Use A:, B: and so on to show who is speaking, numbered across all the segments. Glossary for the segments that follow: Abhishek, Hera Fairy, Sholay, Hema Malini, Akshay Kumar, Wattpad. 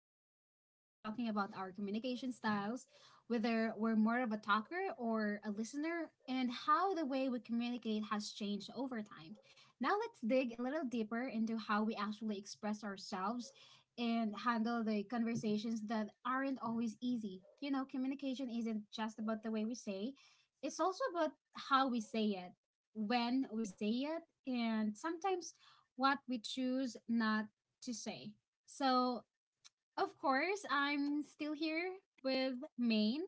A: Before the break, we were talking about our communication styles, whether we're more of a talker or a listener, and how the way we communicate has changed over time. Now, let's dig a little deeper into how we actually express ourselves and handle the conversations that aren't always easy. You know, communication isn't just about the way we say, it's also about how we say it, when we say it, and sometimes what we choose not to say. So, of course, I'm still here with Maine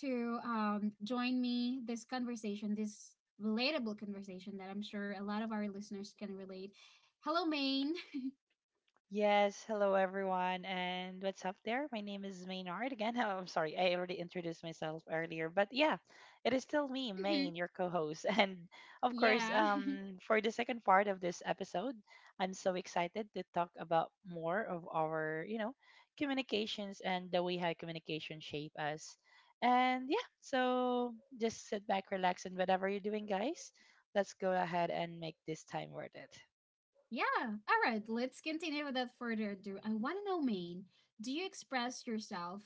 A: to join me this conversation, this relatable conversation that I'm sure a lot of our listeners can relate. Hello, Maine.
B: Yes, hello everyone, and what's up there? My name is Maynard again. Oh, I'm sorry, I already introduced myself earlier, but yeah, it is still me,
A: Mhm.
B: Main, your co-host, and of course,
A: Yeah.
B: for the second part of this episode, I'm so excited to talk about more of our communications and the way how communication shape us, and yeah, so just sit back, relax, and whatever you're doing, guys, let's go ahead and make this time worth it.
A: Yeah. All right. Let's continue without further ado. I want to know, Maine, do you express yourself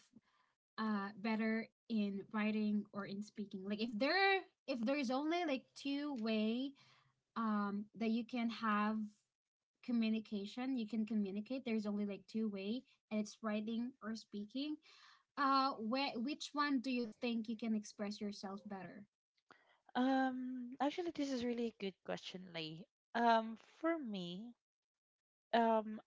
A: better in writing or in speaking? Like, if there is only like two way that you can have communication, you can communicate, there's only like two way, and it's writing or speaking, where, which one do you think you can express yourself better?
B: Actually, this is really a good question, Lei. For me, um,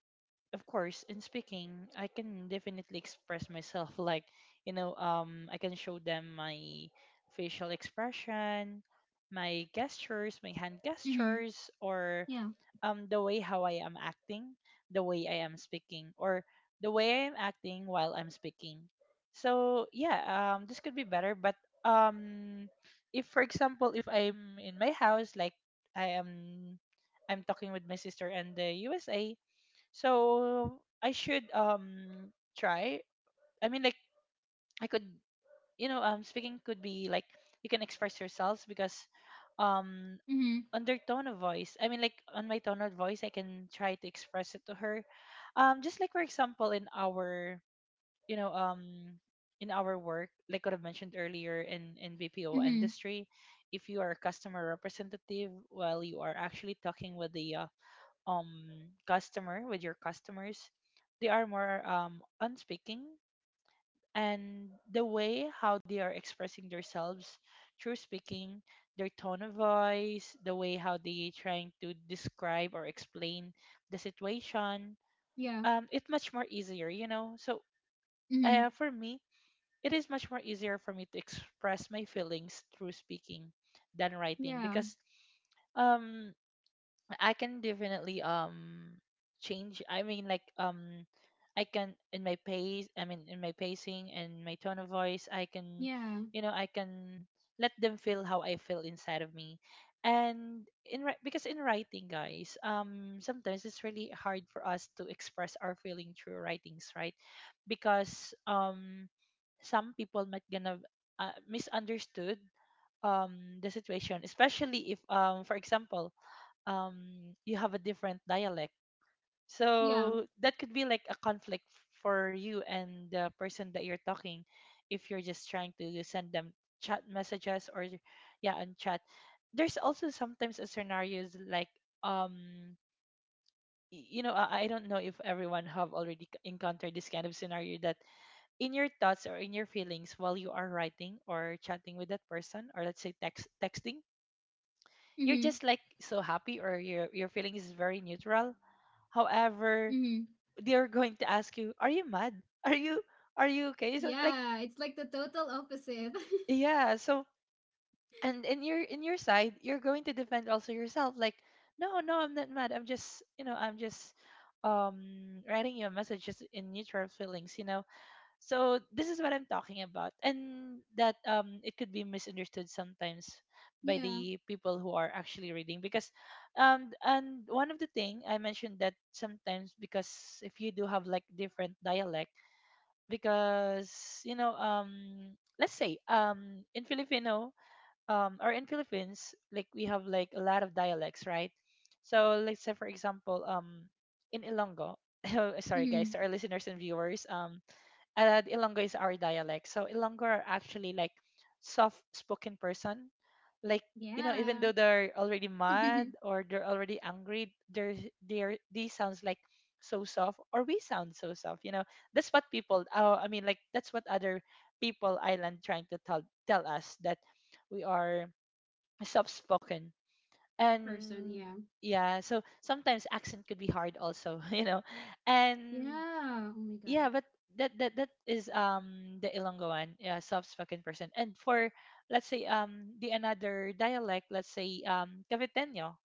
B: of course in speaking I can definitely express myself. Like, I can show them my facial expression, my gestures, my hand
A: Mm-hmm.
B: gestures, or
A: Yeah.
B: the way how I am acting, the way I am speaking, or the way I am acting while I'm speaking. So yeah, this could be better. But um if for example if I'm in my house, like i am I'm talking with my sister and the USA, so I should try. I mean, like I could, speaking could be like you can express yourselves because, um,
A: Mm-hmm.
B: on their tone of voice. I mean, like on my tone of voice, I can try to express it to her. Just like for example, in you know, um, our work, like what I've mentioned earlier in BPO
A: Mm-hmm.
B: industry, if you are a customer representative, well, you are actually talking with the um customer with your customers. They are more on speaking, and the way how they are expressing themselves through speaking, their tone of voice, the way how they trying to describe or explain the situation.
A: Yeah.
B: It's much more easier, so
A: Mm-hmm.
B: for me it is much more easier for me to express my feelings through speaking than writing,
A: Yeah.
B: because um I can definitely change. I mean, like I can in my pace. I mean, in my pacing and my tone of voice, I can,
A: Yeah.
B: you know, I can let them feel how I feel inside of me. And because in writing, guys, sometimes it's really hard for us to express our feeling through writings, right? Because some people might gonna misunderstood the situation, especially if for example um you have a different dialect,
A: Yeah.
B: so that could be like a conflict for you and the person that you're talking, if you're just trying to send them chat messages or yeah on chat. There's also sometimes a scenarios like um I don't know if everyone have already encountered this kind of scenario that in your thoughts or in your feelings while you are writing or chatting with that person, or let's say texting, you're
A: Mm-hmm.
B: just like so happy, or your feeling is very neutral. However,
A: Mm-hmm.
B: they're going to ask you, "Are you mad? Are you are you okay?" So like,
A: Yeah, it's like the total opposite.
B: yeah. So, and in your side, you're going to defend also yourself. Like, no, no, I'm not mad. I'm just writing you a message just in neutral feelings. So this is what I'm talking about, and that it could be misunderstood sometimes by
A: Yeah.
B: the people who are actually reading because, and one of the thing I mentioned that sometimes because if you do have like different dialect, because let's say in Filipino, or in Philippines, like we have like a lot of dialects, right? So let's say for example, in Ilonggo. Sorry guys,
A: Mm-hmm.
B: to our listeners and viewers, the Ilonggo is our dialect. So Ilonggo are actually like soft spoken person. Like, even
A: Yeah.
B: though they're already mad or they're already angry, they sounds like so soft, or we sound so soft, you know. That's what people— Oh, I mean like that's what other people island trying to tell us that we are soft spoken.
A: person,
B: And
A: yeah.
B: yeah, so sometimes accent could be hard also, you know. And
A: Yeah, oh my god.
B: yeah, but that is the Ilonggoan, yeah, South-Spoken person. And for, let's say the another dialect, let's say Caviteño.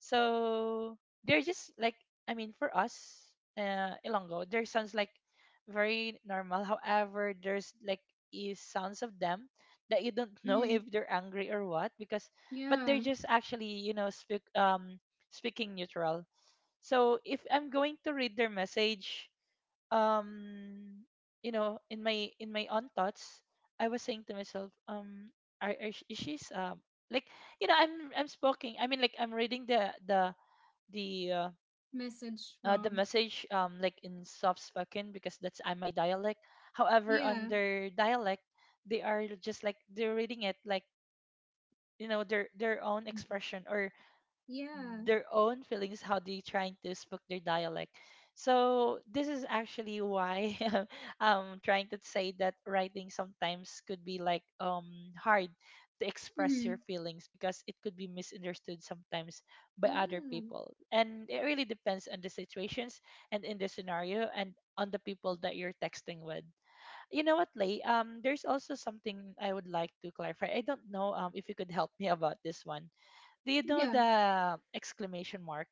B: So they're just like, I mean for us, Ilonggo, there sounds like very normal. However, there's like is sounds of them that you don't know
A: Mm-hmm.
B: if they're angry or what, because but they're
A: Yeah.
B: just actually, you know, speaking neutral. So if I'm going to read their message, um in my own thoughts, I was saying to myself, are sh- is she's like, I'm speaking, I mean like, I'm reading the uh,
A: Message
B: the
A: wrong.
B: message, like in soft spoken because that's my dialect. However on
A: Yeah.
B: their dialect, they are just like they're reading it like, their own
A: Mm.
B: expression or
A: Yeah.
B: their own feelings, how they trying to speak their dialect. So this is actually why I'm trying to say that writing sometimes could be like hard to express your
A: Hmm.
B: feelings because it could be misunderstood sometimes by other
A: Yeah.
B: people, and it really depends on the situations and in the scenario and on the people that you're texting with. You know what, Lay? There's also something I would like to clarify. I don't know, if you could help me about this one. Do you know
A: Yeah.
B: the exclamation mark?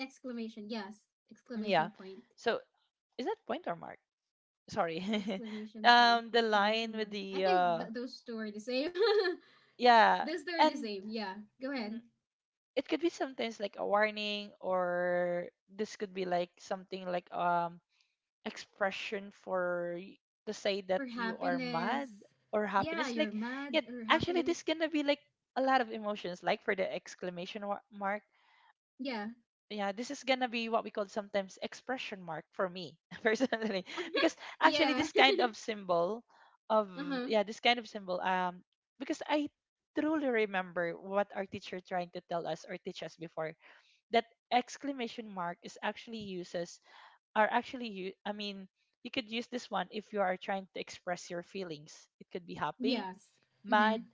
A: Exclamation. Yes.
B: Yeah.
A: Exclamation point.
B: So, is that point or mark? Sorry.
A: Exclamation point.
B: The line
A: Exclamation
B: with
A: mark. I
B: the
A: think those two are the same.
B: yeah,
A: Those two are the
B: and
A: same. Yeah. Go
B: mm,
A: ahead.
B: it could be sometimes like a warning, or this could be like something like expression for to say that
A: For
B: you are
A: happiness.
B: mad or happy.
A: Yeah,
B: It's like,
A: you're mad
B: yeah,
A: or
B: actually,
A: happiness.
B: this gonna be like a lot of emotions, like for the mark.
A: Yeah.
B: Yeah, this is gonna be what we call sometimes expression mark for me, personally, because actually
A: Yeah.
B: this kind of symbol of—
A: Uh-huh.
B: yeah, this kind of symbol, because I truly remember what our teacher trying to tell us or teach us before that exclamation mark is actually uses are actually you I mean you could use this one if you are trying to express your feelings. It could be happy,
A: Yes.
B: mad,
A: Mm-hmm.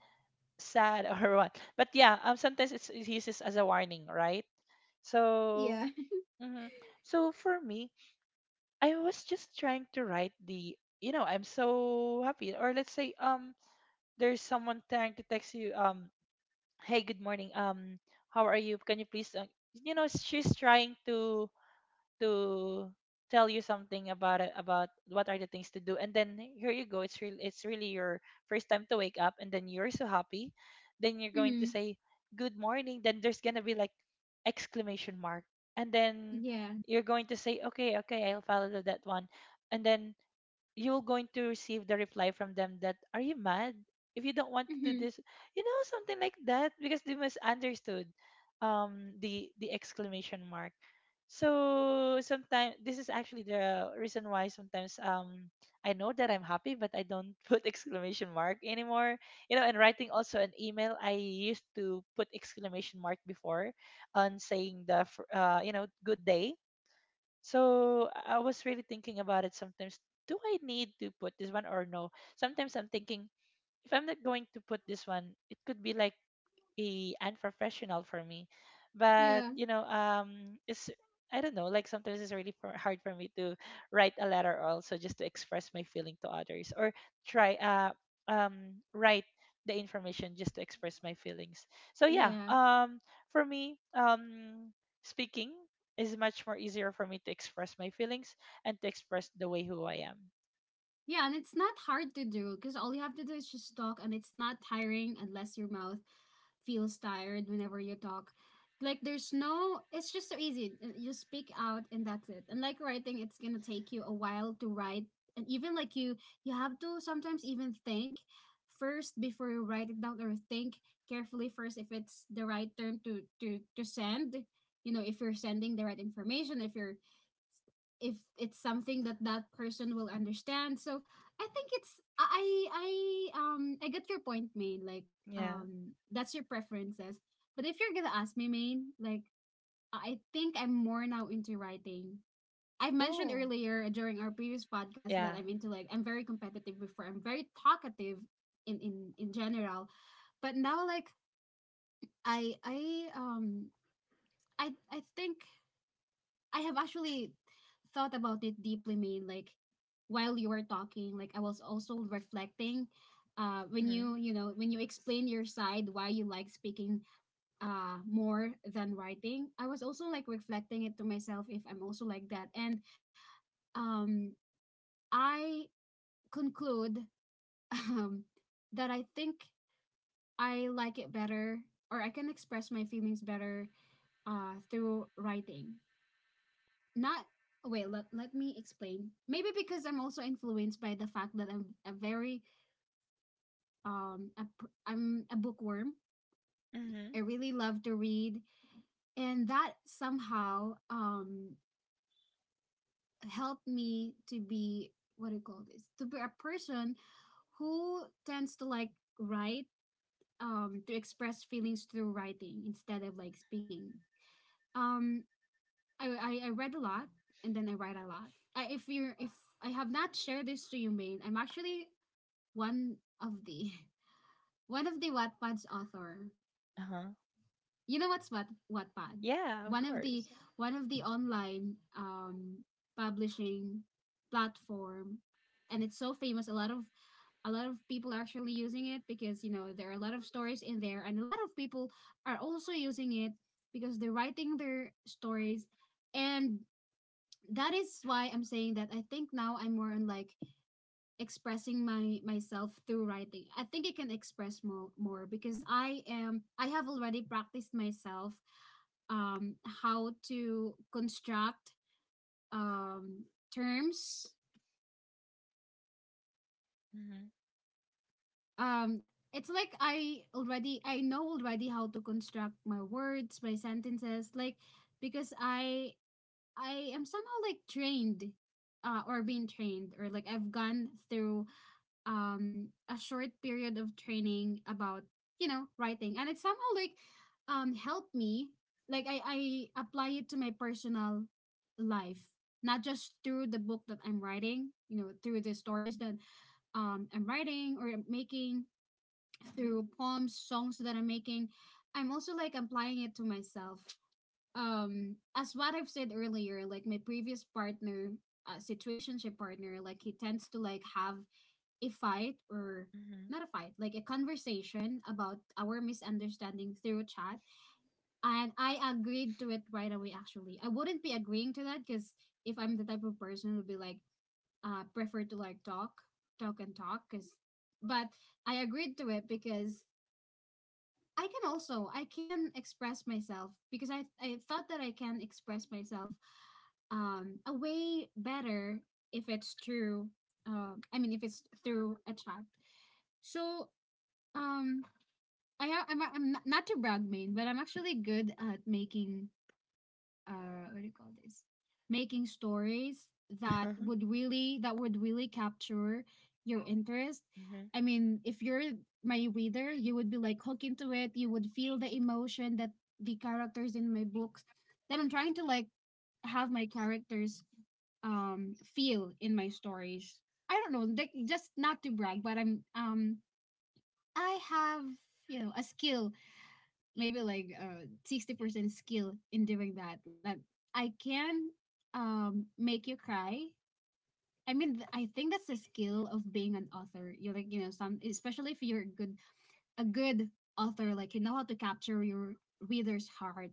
B: sad, or what. But yeah, sometimes it uses as a warning, right? So
A: Yeah.
B: hmm so for me, I was just trying to write the, I'm so happy. Or let's say, there's someone trying to text you, hey, good morning, how are you? Can you please, she's trying to to tell you something about it, about what are the things to do, and then here you go, it's really your first time to wake up, and then you're so happy, then you're going to
A: Mm-hmm.
B: say good morning, then there's going to be like exclamation mark, and then
A: Yeah.
B: you're going to say okay, okay, I'll follow that one, and then you're going to receive the reply from them that are you mad if you don't want to do
A: Mm-hmm.
B: this, you know, something like that because they misunderstood the exclamation mark. So sometimes this is actually the reason why sometimes I know that I'm happy but I don't put exclamation mark anymore, you know, and writing also an email, I used to put exclamation mark before on saying the good day. So I was really thinking about it sometimes. Do I need to put this one or no? Sometimes I'm thinking if I'm not going to put this one, it could be like a unprofessional for me. But
A: Yeah.
B: you know, it's— I don't know. Like sometimes it's really for, hard for me to write a letter, also just to express my feeling to others, or try write the information just to express my feelings. So yeah,
A: Yeah.
B: for me, speaking is much more easier for me to express my feelings, and to express the way who I am.
A: Yeah, and it's not hard to do because all you have to do is just talk, and it's not tiring unless your mouth feels tired whenever you talk. Like, there's no, it's just so easy. You speak out, and that's it. And like writing, it's gonna take you a while to write, and even like you have to sometimes even think first before you write it down, or think carefully first if it's the right term to send. You know, if you're sending the right information, if you're, if it's something that that person will understand. So I think it's, I get your point, Main. Like
B: Yeah.
A: that's your preferences. But if you're gonna ask me, Main, like, I think I'm more now into writing. I've mentioned
B: Oh.
A: earlier during our previous podcast that
B: Yeah.
A: I'm into like, I'm very competitive before. I'm very talkative in general, but now like I I um I think I have actually thought about it deeply, Maine. Like while you were talking, like I was also reflecting. When
B: Mm-hmm.
A: you, you know, when you explain your side why you like speaking more than writing, I was also like reflecting it to myself if I'm also like that. And um I conclude um that I think I like it better, or I can express my feelings better, through writing, not, let me explain. Maybe because I'm also influenced by the fact that I'm a very um a, I'm a bookworm.
B: Mm-hmm.
A: I really love to read, and that somehow helped me to be, what do you call this, to be a person who tends to like write, to express feelings through writing instead of like speaking. um I, I read a lot, and then I write a lot. I, if you're if I have not shared this to you, Maine, I'm actually one of the one of the Wattpad's author.
B: Uh huh.
A: You know what's what Wattpad?
B: Yeah, of
A: One of the,
B: course.
A: online publishing platform, and it's so famous. A lot of, people are actually using it because you know there are a lot of stories in there, and a lot of people are also using it because they're writing their stories. And that is why I'm saying that I think now I'm more on like expressing my myself through writing. I think I can express more, because I have already practiced myself how to construct um terms. Um, it's like I already, I know already how to construct my words, my sentences, like because I am somehow like trained, or being trained, or like I've gone through a short period of training about, you know, writing. And it somehow like helped me, like I apply it to my personal life, not just through the book that I'm writing, you know, through the stories that I'm writing or I'm making, through poems, songs that I'm making. I'm also like applying it to myself, as what I've said earlier, like my previous partner, situationship partner, like he tends to like have a fight, or
B: Mhm.
A: not a fight, like a conversation about our misunderstanding through chat. And I agreed to it right away, actually. I wouldn't be agreeing to that because, if I'm the type of person who would be like, prefer to like talk, talk and talk. Cause, but I agreed to it because I can also, I can express myself because I thought that I can express myself a way better if it's through, I mean, if it's through a chat. So um, I'm not, not to brag, Main, but I'm actually good at making, what do you call this? Making stories that would really, capture your interest.
B: Mhm.
A: I mean, if you're my reader, you would be like hooked into it. You would feel the emotion that the characters in my books that I'm trying to like have my characters feel in my stories. I don't know, like just not to brag, but I'm I have, you know, a skill maybe like 60% skill in doing that. Like, I can make you cry. I think that's the skill of being an author. You're like, you know, some, especially if you're a good, a good author, like you know how to capture your reader's heart,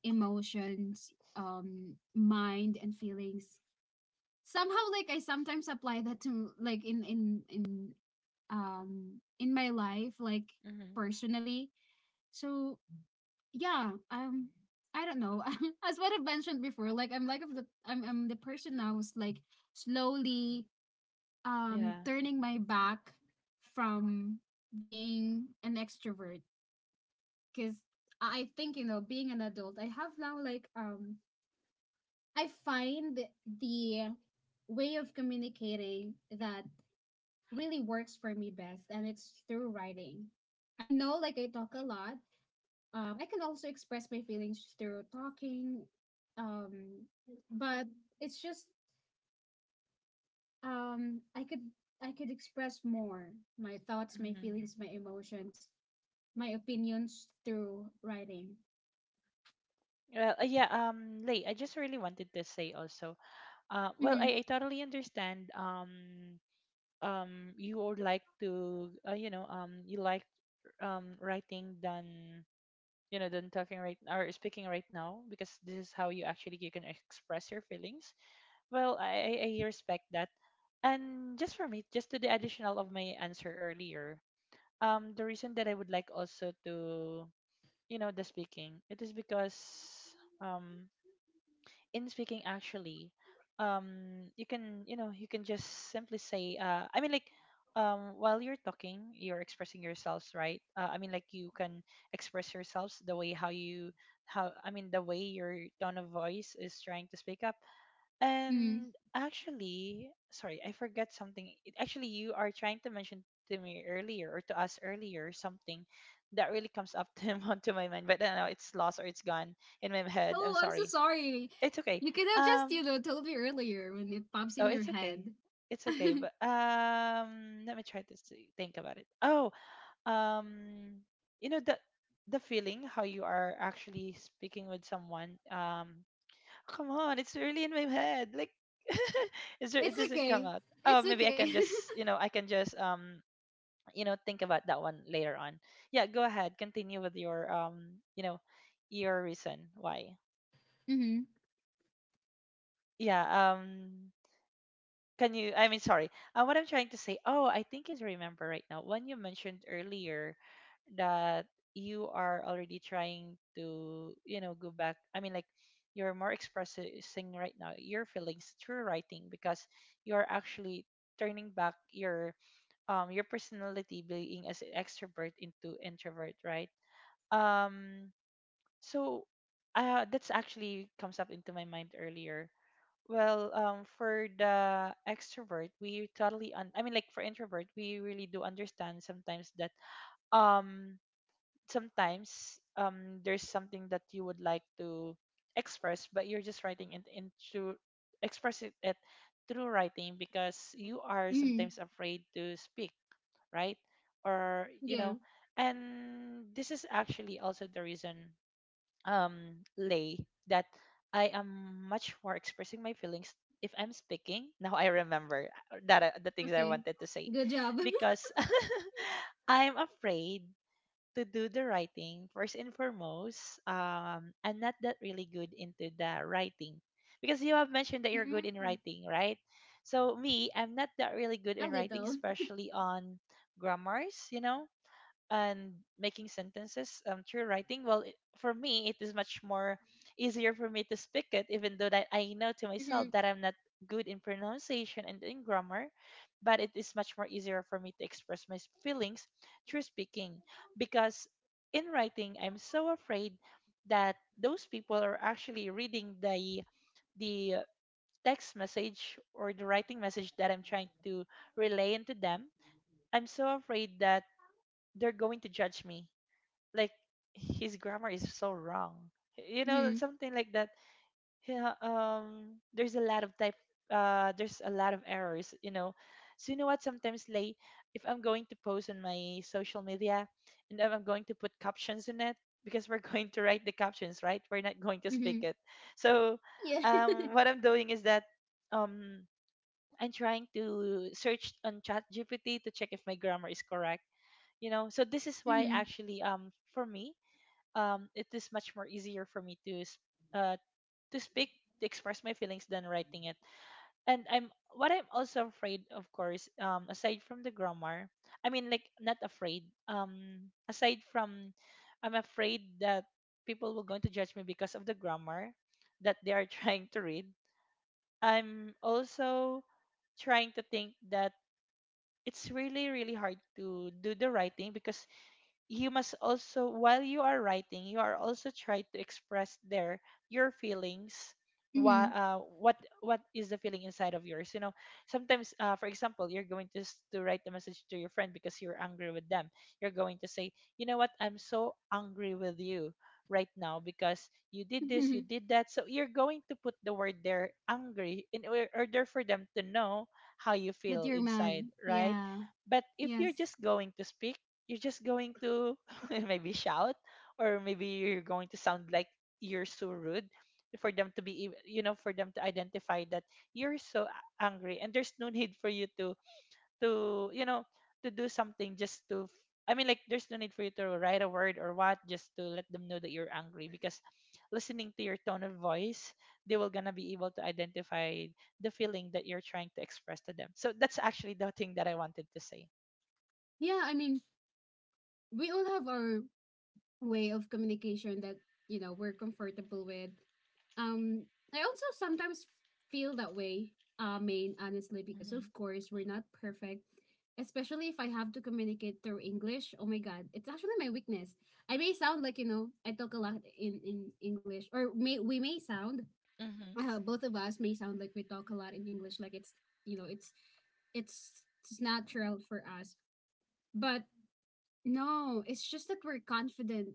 A: emotions, mind and feelings. Somehow like I sometimes apply that to like in my life, like
B: Mhm.
A: personally. So yeah, I don't know. As what I've mentioned before, like I'm like of the, I'm the person now who's like slowly
B: Yeah.
A: turning my back from being an extrovert, because I think, you know, being an adult, I have now like I find the way of communicating that really works for me best, and it's through writing. I know like I talk a lot. I can also express my feelings through talking, um, but it's just um, I could I could express more my thoughts, my
B: Mhm.
A: feelings, my emotions, my opinions through writing.
B: Well, yeah, Lei, I just really wanted to say also, well,
A: Mm-hmm.
B: I totally understand, you would like to, you like, writing than, than talking right or speaking right now because this is how you can express your feelings. Well, I respect that. And just for me, just to the additional of my answer earlier, the reason that I would like also to the speaking it is because um in speaking actually you can you can just simply say I mean like while you're talking you're expressing yourselves, right, I mean like you can express yourselves the way how you how I mean the way your tone of voice is trying to speak up.
A: Hmm.
B: And actually, sorry, I forget something. Actually, you are trying to mention to me earlier or to us earlier something that really comes up to onto my mind, but I don't know, it's lost or it's gone in my head. I'm
A: Oh, I'm so
B: sorry.
A: sorry.
B: It's okay.
A: You could have just, you
B: Um,
A: know, told me earlier when it pops
B: oh,
A: in your
B: it's
A: head.
B: okay. It's okay, but let me try to think about it. Oh, um, you know the feeling how you are actually speaking with someone. Come on, it's really in my head. Like, is there, it
A: It's
B: doesn't come
A: okay.
B: out. Oh,
A: It's
B: maybe I
A: okay.
B: can just, you know, I can just, think about that one later on. Yeah, go ahead. Continue with your reason why.
A: mm-hmm.
B: Yeah. Um. Can you? I mean, sorry. What I'm trying to say. Oh, I think is remember right now. When you mentioned earlier that you are already trying to, go back. I mean, like you're more expressing right now your feelings through writing because you are actually turning back your personality being as an extrovert into introvert, right? Um. So, that's actually comes up into my mind earlier, well, for the extrovert, we totally I mean, like for introvert, we really do understand sometimes that um sometimes there's something that you would like to express, but you're just writing it into express it through writing because you are
A: Mm-hmm.
B: sometimes afraid to speak, right? Or,
A: Yeah.
B: and this is actually also the reason, Lay, that I am much more expressing my feelings if I'm speaking. Now I remember that the things I
A: Okay.
B: wanted to say
A: Good job.
B: because I'm afraid to do the writing first and foremost. I'm not that really good into the writing because you have mentioned that you're good in
A: Mm.
B: writing, right? So me, I'm not that really good
A: A
B: in writing,
A: little.
B: especially on grammars, and making sentences, through writing. Well, it, for me, it is much more easier for me to speak it even though that I know to
A: Mm-hmm.
B: myself that I'm not good in pronunciation and in grammar, but it is much more easier for me to express my feelings through speaking, because in writing I'm so afraid that those people are actually reading the text message or the writing message that I'm trying to relay into them. I'm so afraid that they're going to judge me, like, his grammar is so wrong, you know,
A: Mm-hmm.
B: something like that. Yeah, there's a lot of errors. So you know what, sometimes like if I'm going to post on my social media and then I'm going to put captions in it, because we're going to write the captions, right, we're not going to speak
A: Mm-hmm.
B: it. So
A: Yeah.
B: what I'm doing is that, um I'm trying to search on Chat GPT to check if my grammar is correct, so this is why, actually, for me, it is much more easier for me to uh, to speak, to express my feelings than writing it. And I'm what I'm also afraid, of course, aside from the grammar, I mean, like not afraid. Aside from, I'm afraid that people will going to judge me because of the grammar that they are trying to read. I'm also trying to think that it's really really hard to do the writing because you must also, while you are writing, you are also trying to express there your feelings, what
A: Mm-hmm.
B: uh, what what is the feeling inside of yours. Sometimes, for example, you're going to write a message to your friend because you're angry with them, you're going to say, you know what, I'm so angry with you right now because you did this,
A: Mm-hmm.
B: you did that, so you're going to put the word there, angry, in order for them to know how you
A: That
B: feel
A: you're mad.
B: inside, right?
A: Yeah.
B: But if
A: Yes.
B: you're just going to speak, you're just going to maybe shout, or maybe you're going to sound like you're so rude, for them to be ev- you know for them to identify that you're so angry, and there's no need for you to to you know to do something just to I mean, like there's no need for you to write a word or what, just to let them know that you're angry, because listening to your tone of voice, they will gonna be able to identify the feeling that you're trying to express to them. So that's actually the thing that I wanted to say.
A: Yeah. I mean, we all have our way of communication that, you know, we're comfortable with. Um, I also sometimes feel that way. Main, honestly, because of
B: Hmm.
A: course we're not perfect. Especially if I have to communicate through English. Oh my God, it's actually my weakness. I may sound like, you know, I talk a lot in English, or may we may sound, both of us may sound like we talk a lot in English, like it's you know it's natural for us. But no, it's just that we're confident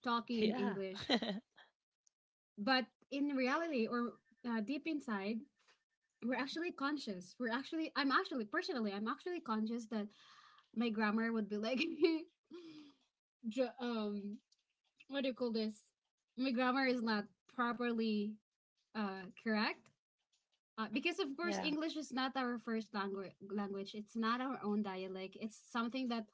A: talking in
B: Yeah.
A: English. But in reality, or deep inside, we're actually conscious. We're actually, I'm actually conscious that my grammar would be like, dr- um, what do you call this? My grammar is not properly correct. Because of course
B: Yeah.
A: English is not our first language. It's not our own dialect. It's something that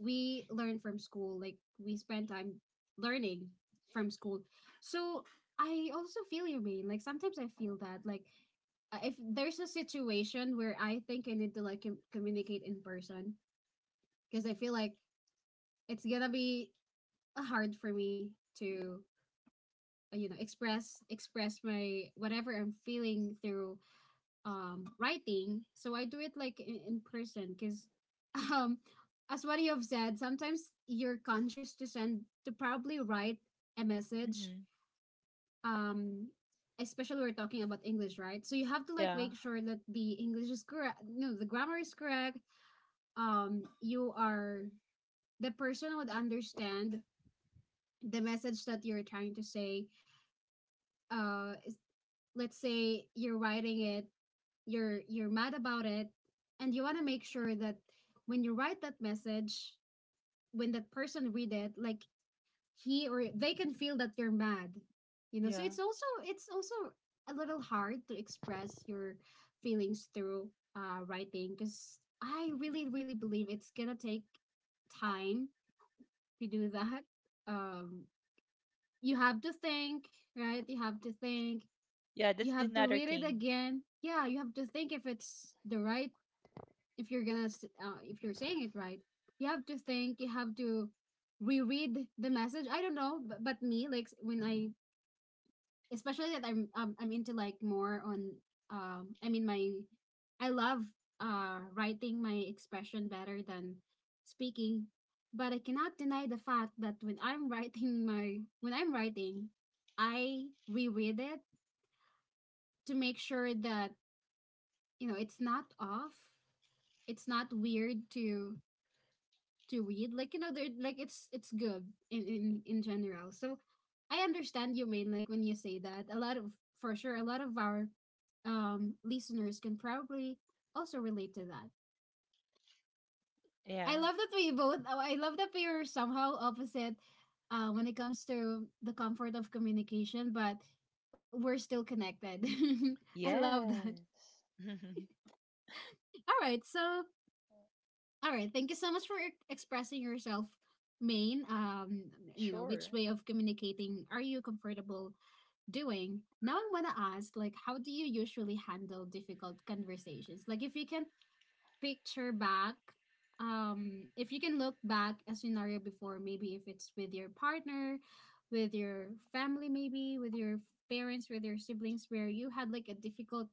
A: we learn from school. Like, we spend time learning from school. So I also feel your pain. Like sometimes I feel that like if there's a situation where I think I need to like communicate in person because I feel like it's gonna be hard for me to express my whatever I'm feeling through writing. So I do it like in person because um as what you have said, sometimes you're conscious to send to probably write a message.
B: Hmm.
A: um Especially we're talking about English, right? So you have to like
B: Yeah.
A: make sure that the English is correct, no, the grammar is correct. You are, the person would understand the message that you're trying to say. uh let's say you're writing it, you're mad about it, and you want to make sure that when you write that message, when that person read it, like, he or they can feel that you're mad, so
B: Yeah.
A: it's also a little hard to express your feelings through writing because I really really believe it's gonna take time to do that. um you have to think, right, you have to think,
B: Yeah.
A: you
B: That's the
A: have to
B: another
A: read it
B: thing.
A: again, yeah, you have to think if it's the right, if you're gonna if you're saying it right, you have to think, you have to reread the message. I don't know, but me like when I, especially that I'm into like more on, I mean, my I love writing my expression better than speaking. But I cannot deny the fact that when I'm writing, I reread it to make sure that it's not off, it's not weird to read, like, you know, they're like it's good in general. So I understand you mean, like, when you say that a lot of for sure a lot of our listeners can probably also relate to that.
B: Yeah.
A: I love that I love that we are somehow opposite when it comes to the comfort of communication, but we're still connected. I love that.
B: Yes.
A: all right so All right. Thank you so much for expressing yourself, Maine. Which
B: Sure.
A: way of communicating are you comfortable doing? Now I want to ask, like, how do you usually handle difficult conversations? Like, if you can picture back, if you can look back a scenario before, maybe if it's with your partner, with your family, maybe with your parents, with your siblings, where you had like a difficult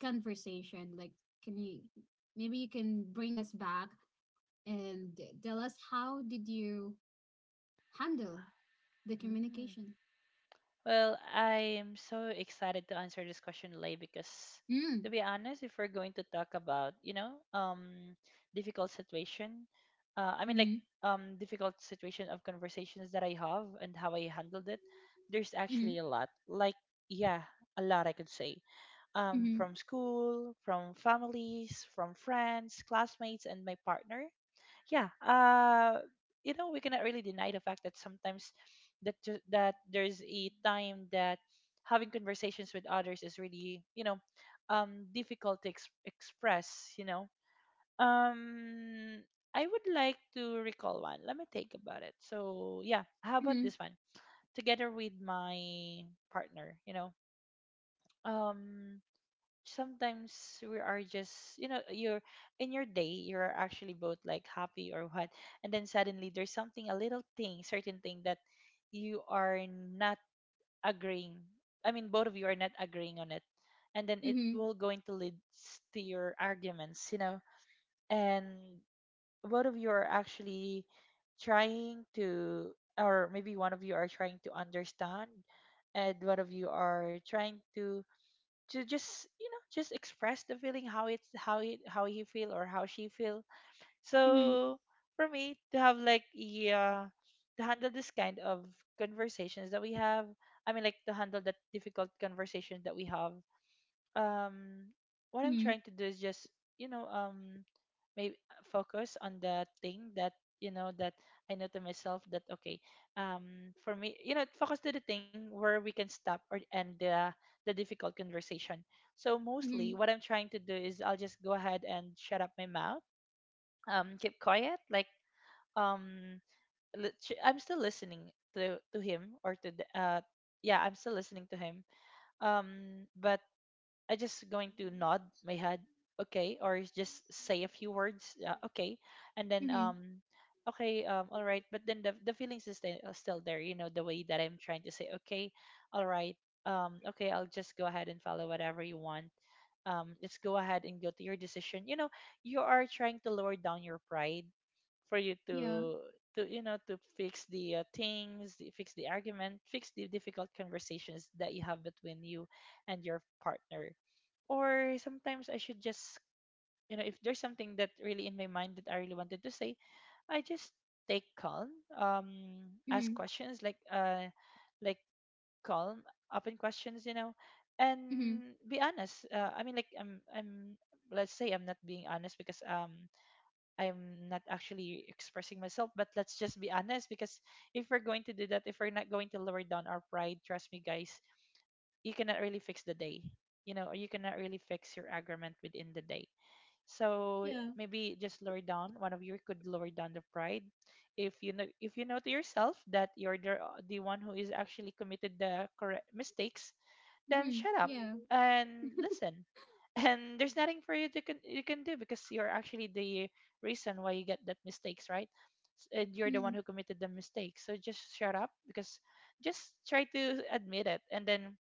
A: conversation, like, can you maybe you can bring us back and tell us how did you handle the
B: Mm.
A: communication?
B: Well, I'm so excited to answer this question, Lay, because,
A: Mm.
B: to be honest, if we're going to talk about, difficult situation, I mean, like,
A: Mhm.
B: difficult situation of conversations that I have and how I handled it, there's
A: Mhm.
B: actually a lot. Like, yeah, a lot I could say. um,
A: Mhm.
B: from school, from families, from friends, classmates, and my partner. Yeah, we cannot really deny the fact that sometimes that there's a time that having conversations with others is really, difficult to express. Um, I would like to recall one. Let me think about it. So yeah, how about
A: Mhm.
B: this one? Together with my partner, um sometimes we are just, you're in your day, you're actually both like happy or what, and then suddenly there's something, a little thing certain thing that you are not agreeing, I mean both of you are not agreeing on it, and then it
A: Mhm.
B: will going to lead to your arguments, you know. And both of you are actually trying to, or maybe one of you are trying to understand, and one of you are trying to just you know just express the feeling, how he feel or how she feel.
A: Mhm.
B: So for me, to have like, yeah, to handle this kind of conversations that we have, I mean, like to handle that difficult conversation that we have, um what I'm
A: Mhm.
B: trying to do is just, you know um maybe focus on the thing that, that I know to myself that, okay, for me, focus to the thing where we can stop or end the difficult conversation. So mostly,
A: Mhm.
B: what I'm trying to do is I'll just go ahead and shut up my mouth, keep quiet, like um, I'm still listening to him or to the yeah, I'm still listening to him. But I just going to nod my head, okay, or is just say a few words, okay, and then,
A: Mhm,
B: okay, all right. But then the feelings is still there, the way that I'm trying to say, okay, all right, okay, I'll just go ahead and follow whatever you want. Let's go ahead and go to your decision. You are trying to lower down your pride for you
A: yeah.
B: to to fix fix the argument, fix the difficult conversations that you have between you and your partner. Or sometimes I should just, if there's something that really in my mind that I really wanted to say, I just take calm, um, ask
A: Mhm.
B: questions like calm, open questions,
A: Mhm,
B: and be honest. I mean, like, let's say I'm not being honest because I'm not actually expressing myself, but let's just be honest, because if we're going to do that, if we're not going to lower down our pride, trust me, guys, you cannot really fix the day, or you cannot really fix your argument within the day. So
A: yeah.
B: maybe just lower down. One of you could lower down the pride. If you know to yourself that you're the one who is actually committed the correct mistakes, then
A: Mhm,
B: shut up
A: yeah.
B: and listen. And there's nothing for you to can you can do because you're actually the reason why you get that mistakes, right? And you're the one
A: Mhm.
B: who committed the mistake. So just shut up because just try to admit it and then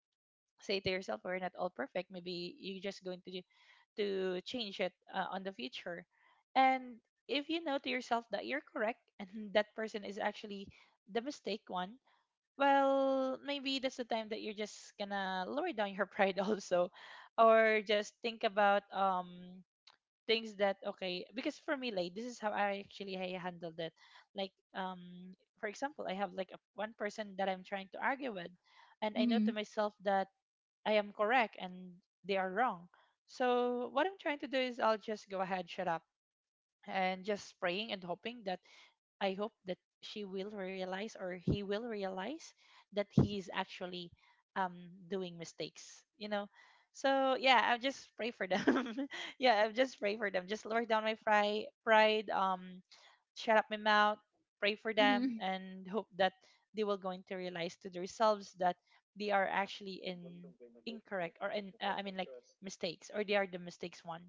B: say to yourself, we're not all perfect. Maybe you're just going to do to change it, on the future. And if you know to yourself that you're correct and that person is actually the mistake one. Well, maybe that's the time that you're just gonna lower down your pride also, or just think about things. That okay, because for me, like, this is how I actually I handled it. Like, for example, I have, like, one person that I'm trying to argue with, and I know to
A: Mhm.
B: myself that I am correct and they are wrong. So what I'm trying to do is I'll just go ahead, shut up, and just praying and hoping that I hope that she will realize or he will realize that he is actually doing mistakes. So yeah, I just pray for them. Yeah, I just pray for them. Just lower down my pride. Shut up my mouth, pray for them,
A: Mhm.
B: and hope that they will going to realize to themselves that they are actually in incorrect, or in I mean, like, mistakes, or they are the mistakes one.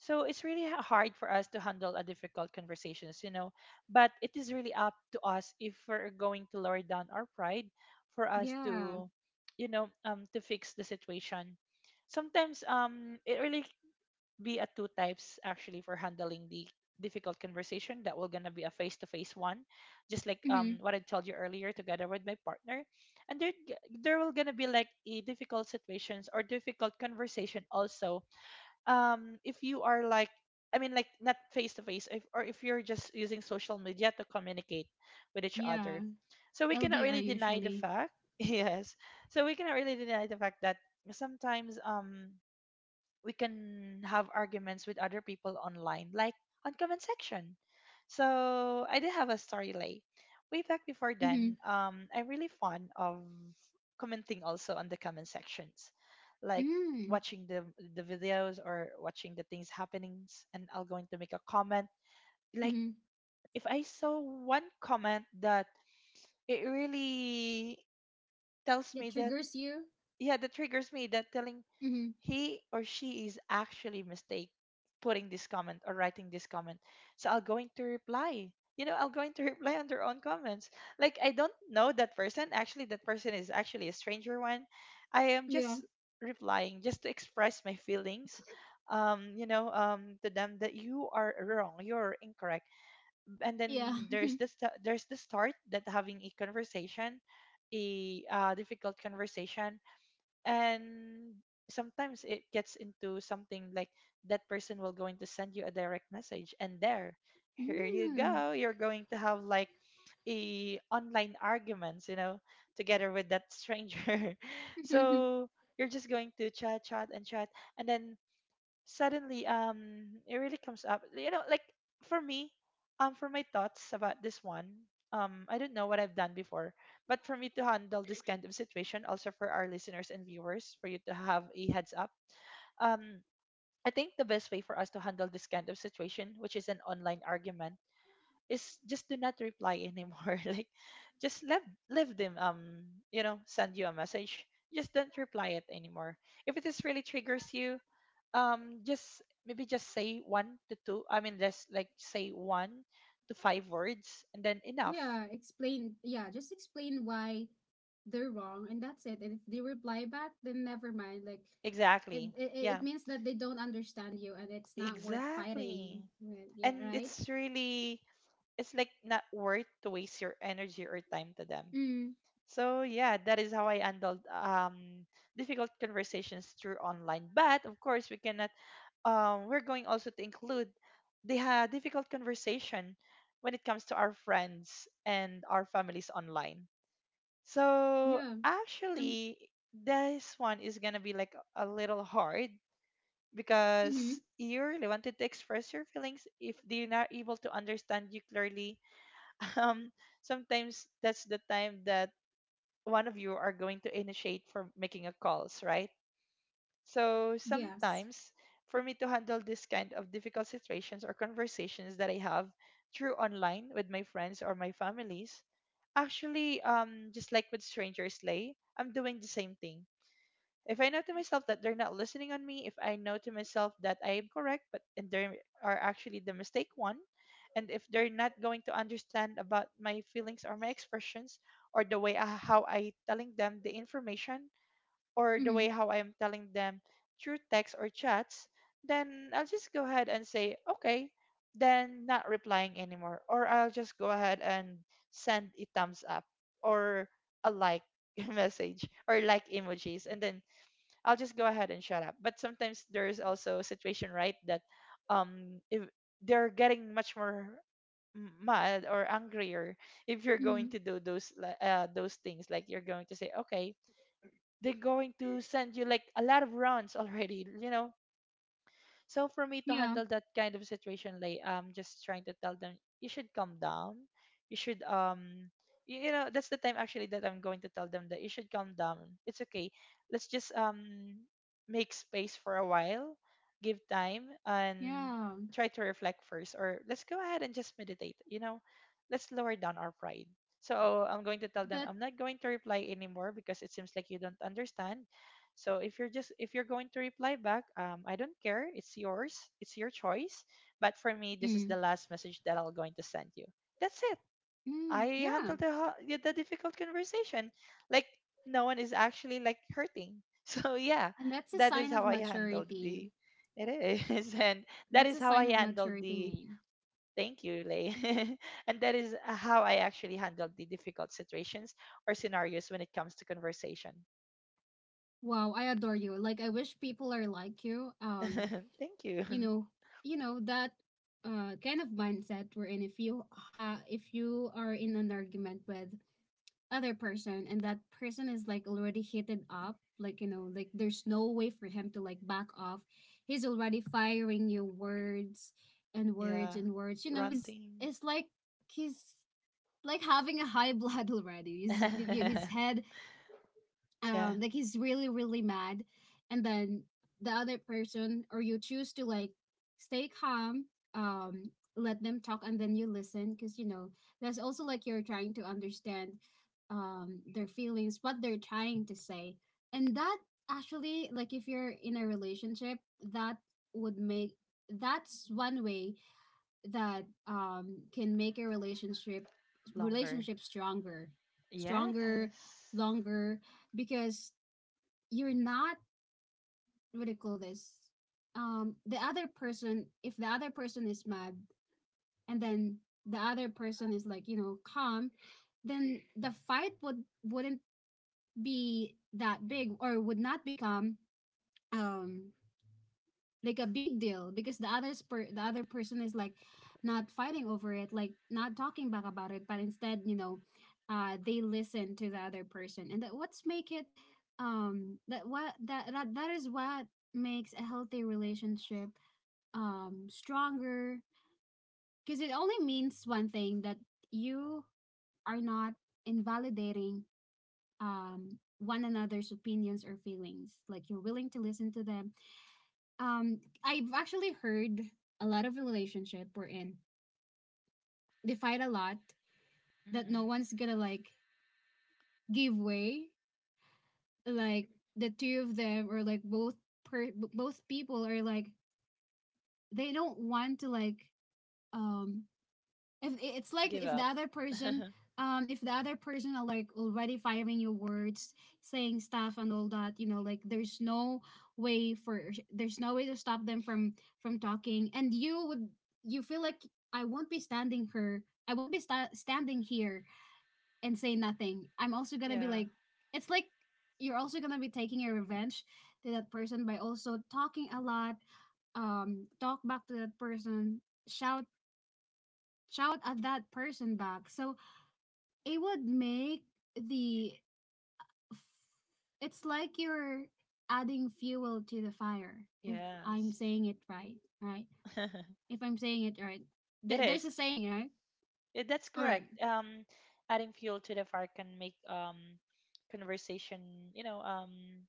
B: So it's really hard for us to handle a difficult conversations. But it is really up to us if we're going to lower down our pride for us
A: Yeah.
B: to, to fix the situation. Sometimes it really be at two types actually for handling the difficult conversation, that will gonna be a face-to-face one, just like
A: Mhm,
B: what I told you earlier together with my partner. And there will gonna be like a difficult situations or difficult conversation also, if you are like, I mean, like, not face-to-face if, or if you're just using social media to communicate with each
A: yeah.
B: other. So we cannot
A: LDR
B: really deny the
A: usually.
B: fact. Yes, so we cannot really deny the fact that sometimes we can have arguments with other people online, like on comment section. So I did have a story, Lay. Way back before
A: Mhm.
B: then, I'm really fond of commenting also on the comment sections, like
A: Mm.
B: watching the videos or watching the things happenings, and I'll going to make a comment. Like,
A: Mhm,
B: if I saw one comment that it really tells
A: that
B: me that,
A: triggers you.
B: yeah, that triggers me, that telling
A: Mhm,
B: he or she is actually mistake putting this comment or writing this comment. So I'll going to reply. I'll going to reply on their own comments. Like, I don't know that person. Actually, that person is actually a stranger one. I am
A: yeah,
B: just replying just to express my feelings, to them, that you are wrong, you're incorrect. And
A: yeah.
B: then there's the start that having a conversation, a difficult conversation. And sometimes it gets into something like that person will going to send you a direct message, and there here you
A: Mm.
B: go, you're going to have like a online arguments, together with that stranger. So you're just going to chat, chat, and chat, and then suddenly it really comes up, you know, like, for me, for my thoughts about this one, I don't know what I've done before. But for me to handle this kind of situation, also for our listeners and viewers, for you to have a heads up, um I think the best way for us to handle this kind of situation, which is an online argument, is just do not reply anymore. Like, just let leave them, send you a message. Just don't reply it anymore. If it is really triggers you, just maybe just say one to two. I mean, just like say one to five words, and then enough.
A: Yeah, explain. Yeah, just explain why they're wrong, and that's it. And if they reply back, then never mind. Like, it
B: Exactly.
A: it, it
B: Yeah.
A: means that they don't understand you, and it's not worth fighting
B: Exactly.
A: with. Yeah,
B: And
A: right.
B: it's really, it's like, not worth to waste your energy or time to them.
A: Mm,
B: So yeah, that is how I handled difficult conversations through online. But of course, we cannot. We're going also to include the difficult conversation when it comes to our friends and our families online. So
A: yeah. Um.
B: actually, this one is gonna be like a little hard
A: Mm-hmm.
B: because you really wanted to express your feelings. If they're not able to understand you clearly, um, sometimes that's the time that one of you are going to initiate for making a calls, right? So
A: Yes.
B: sometimes, for me to handle this kind of difficult situations or conversations that I have through online with my friends or my families, actually, just like with strangers, Lay, I'm doing the same thing. If I know to myself that they're not listening on me, if I know to myself that I am correct, but and they are actually the mistake one, and if they're not going to understand about my feelings or my expressions, or the way how I telling them the information, or the
A: Mm-hmm.
B: way how I am telling them through text or chats, then I'll just go ahead and say okay, then not replying anymore, or I'll just go ahead and send a thumbs up, or a like message, or like emojis, and then I'll just go ahead and shut up. But sometimes there is also a situation, right, that if they're getting much more mad or angrier, if you're going
A: Mm,
B: to do those those things, like, you're going to say okay, they're going to send you like a lot of rounds already, you know. So for me to
A: yeah.
B: handle that kind of situation, like, I'm just trying to tell them, you should calm down. You should um you know, that's the time actually that I'm going to tell them that you should calm down. It's okay. Let's just make space for a while, give time
A: Yeah.
B: and try to reflect first, or let's go ahead and just meditate. Let's lower down our pride. So I'm going to tell
A: That.
B: them I'm not going to reply anymore, because it seems like you don't understand. So if you're going to reply back, I don't care. It's yours. It's your choice. But for me, this
A: Mm,
B: is the last message that I'm going to send you. That's it.
A: mm,
B: I
A: yeah.
B: handled the the difficult conversation. Like, no one is actually like hurting. So yeah,
A: And that's a
B: that is
A: sign of
B: how I handled
A: maturity.
B: the. It is, and that
A: That's
B: is
A: a
B: how
A: sign
B: I
A: of
B: handled
A: maturity,
B: the.
A: main.
B: Thank you, Lay. And that is how I actually handled the difficult situations or scenarios when it comes to conversation.
A: Wow, I adore you. Like, I wish people are like you.
B: Thank you.
A: You know you know that kind of mindset wherein if you if you are in an argument with other person, and that person is like already heated up, like, like there's no way for him to like back off. He's already firing you words and words
B: Yeah.
A: and words, he's
B: Ranting.
A: it's like he's like having a high blood already, his head,
B: Yeah.
A: like he's really really mad. And then the other person, or you, choose to like stay calm, um let them talk and then you listen because that's also like you're trying to understand their feelings, what they're trying to say. And that, actually, like, if you're in a relationship, that would make that's one way that can make a relationship,
B: Longer.
A: stronger, stronger,
B: Yes.
A: longer, because you're not, what do you call this? The other person, if the other person is mad, and then the other person is like, calm, then the fight wouldn't be that big, or would not become um like a big deal, because the other person is like not fighting over it, like not talking back about it, but instead, they listen to the other person, and that is what makes a healthy relationship stronger, because it only means one thing, that you are not invalidating one another's opinions or feelings, like you're willing to listen to them. I've actually heard a lot of relationship we're in. They fight a lot that no
B: Hmm.
A: one's gonna like give way. Like the two of them, or like both people are like they don't want to like, um if it's like
B: Give up.
A: if the other person are like already firing your words, saying stuff and all that, like way for there's no way to stop them from talking, and you feel like, I won't be standing here and say nothing. I'm also gonna be
B: Yeah.
A: like It's like you're also gonna be taking your revenge to that person by also talking a lot, talk back to that person, shout shout at that person back. So it would make the it's like you're adding fuel to the fire, if I'm
B: Yes.
A: saying it right, right? If I'm saying it right.
B: It
A: There's a
B: is.
A: saying, right?
B: That's
A: All right.
B: correct. Adding fuel to the fire can make conversation. You know,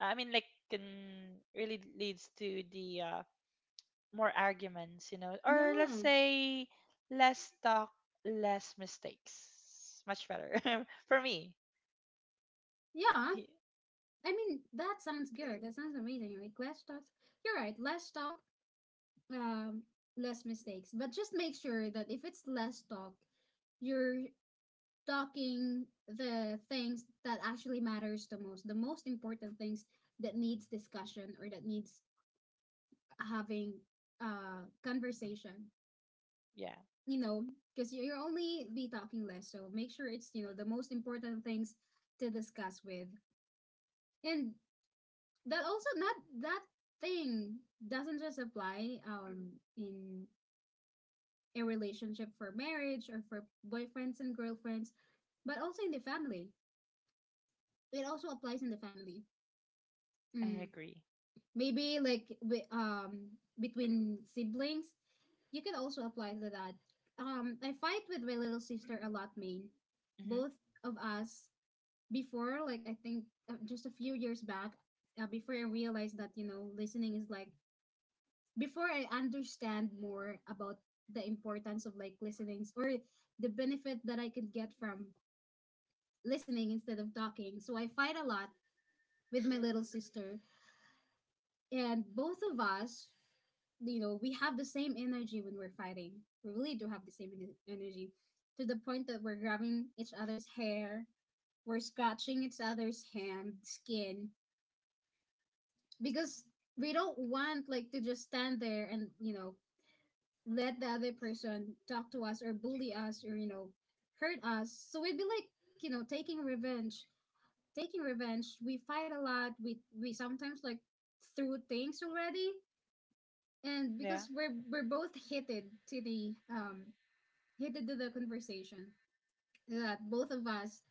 B: I mean, like, can really leads to the more arguments. You know, or let's
A: Yeah.
B: say less talk, less mistakes. Much better for me.
A: Yeah. I mean, that sounds good. That sounds amazing. Like, less talk. You're right. Less talk, um less mistakes. But just make sure that if it's less talk, you're talking the things that actually matters the most, the most important things, that needs discussion or that needs having conversation,
B: Yeah,
A: you know because will only be talking less, so make sure it's, the most important things to discuss with, and that, also, not, that thing doesn't just apply in a relationship, for marriage or for boyfriends and girlfriends, but also in the family. It also applies in the family.
B: I
A: mm
B: agree.
A: Maybe like, between siblings, you can also apply to that. I fight with my little sister a lot, main.
B: Hmm.
A: Both of us, before, like I think, just a few years back, before I realized that, you know listening is like before I understand more about the importance of, like, listening, or the benefit that I could get from listening instead of talking, so I fight a lot with my little sister. And both of us, we have the same energy when we're fighting. We really do have the same energy, to the point that we're grabbing each other's hair, we're scratching each other's hand skin, because we don't want like to just stand there and, let the other person talk to us or bully us or, hurt us. So we'd be like, taking revenge, taking revenge. We fight a lot, we sometimes like threw things already, and
B: Yeah.
A: because we're both to the um heated to the conversation, that both of us,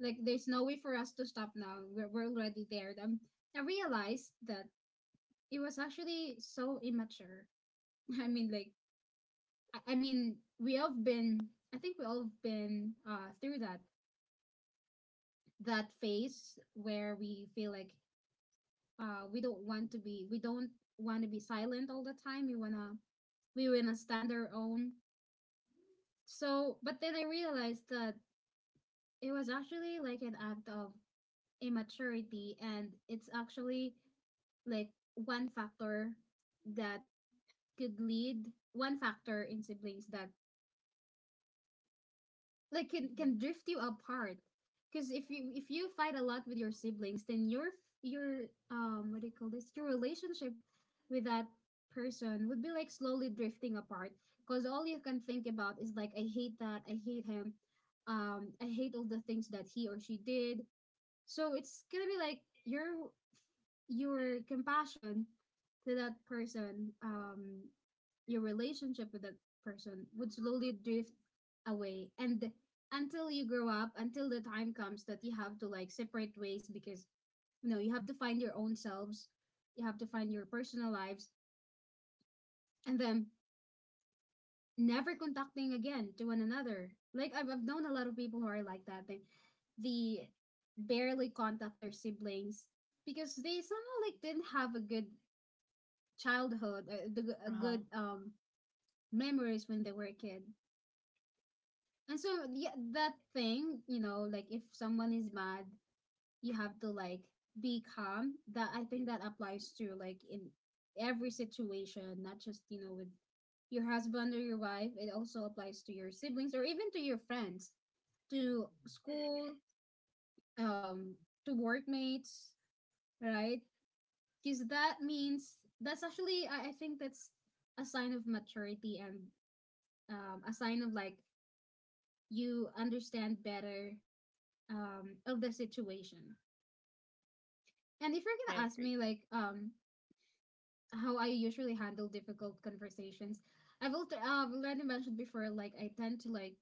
A: like, there's no way for us to stop now. We're already there. I realized that it was actually so immature. I mean, like, I mean, we all have been, I think we all have been through that phase where we feel like we don't want to be, we don't want to be silent all the time. We wanna stand our own. So but then I realized that it was actually like an act of immaturity, and it's actually like one factor that could lead one factor in siblings that, like,
B: Hmm.
A: can drift you apart. Because if you fight a lot with your siblings, then your what do you call this, your relationship with that person would be like slowly drifting apart, because all you can think about is like, I hate him, I hate all the things that he or she did. So it's gonna be like your your compassion to that person, your relationship with that person would slowly drift away, and until you grow up, until the time comes that you have to like separate ways because you have to find your own selves, you have to find your personal lives, and then never contacting again to one another. Like, I've known a lot of people who are like that. They barely contact their siblings because they somehow like didn't have a good childhood,
B: Uh
A: a
B: huh.
A: good memories when they were a kid. And so, yeah, that thing, like if someone is mad, you have to like be calm. That, I think, that applies to, like, in every situation, not just, with your husband or your wife. It also applies to your siblings, or even to your friends, to school, um to workmates, right? Because that's actually, I think that's a sign of maturity, and a sign of like you understand better of the situation. And if you're
B: I
A: gonna ask
B: agree.
A: me like, how I usually handle difficult conversations. I've already mentioned before, like I tend to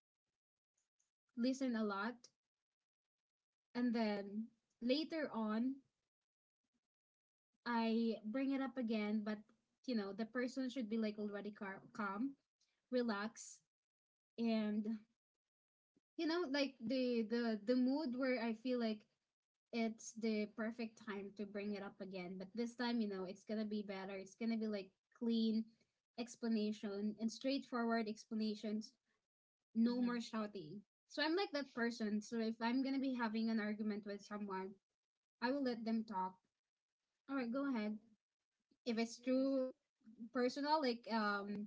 A: listen a lot, and then later on I bring it up again. But you know, the person should be like already calm, relaxed, and you know, like the mood where I feel like it's the perfect time to bring it up again. But this time, you know, it's gonna be better. It's gonna be like clean explanation and straightforward explanations, no
B: Hmm.
A: more shouting. So I'm like that person. So if I'm gonna be having an argument with someone, I will let them talk. All right, go ahead. If it's through personal, like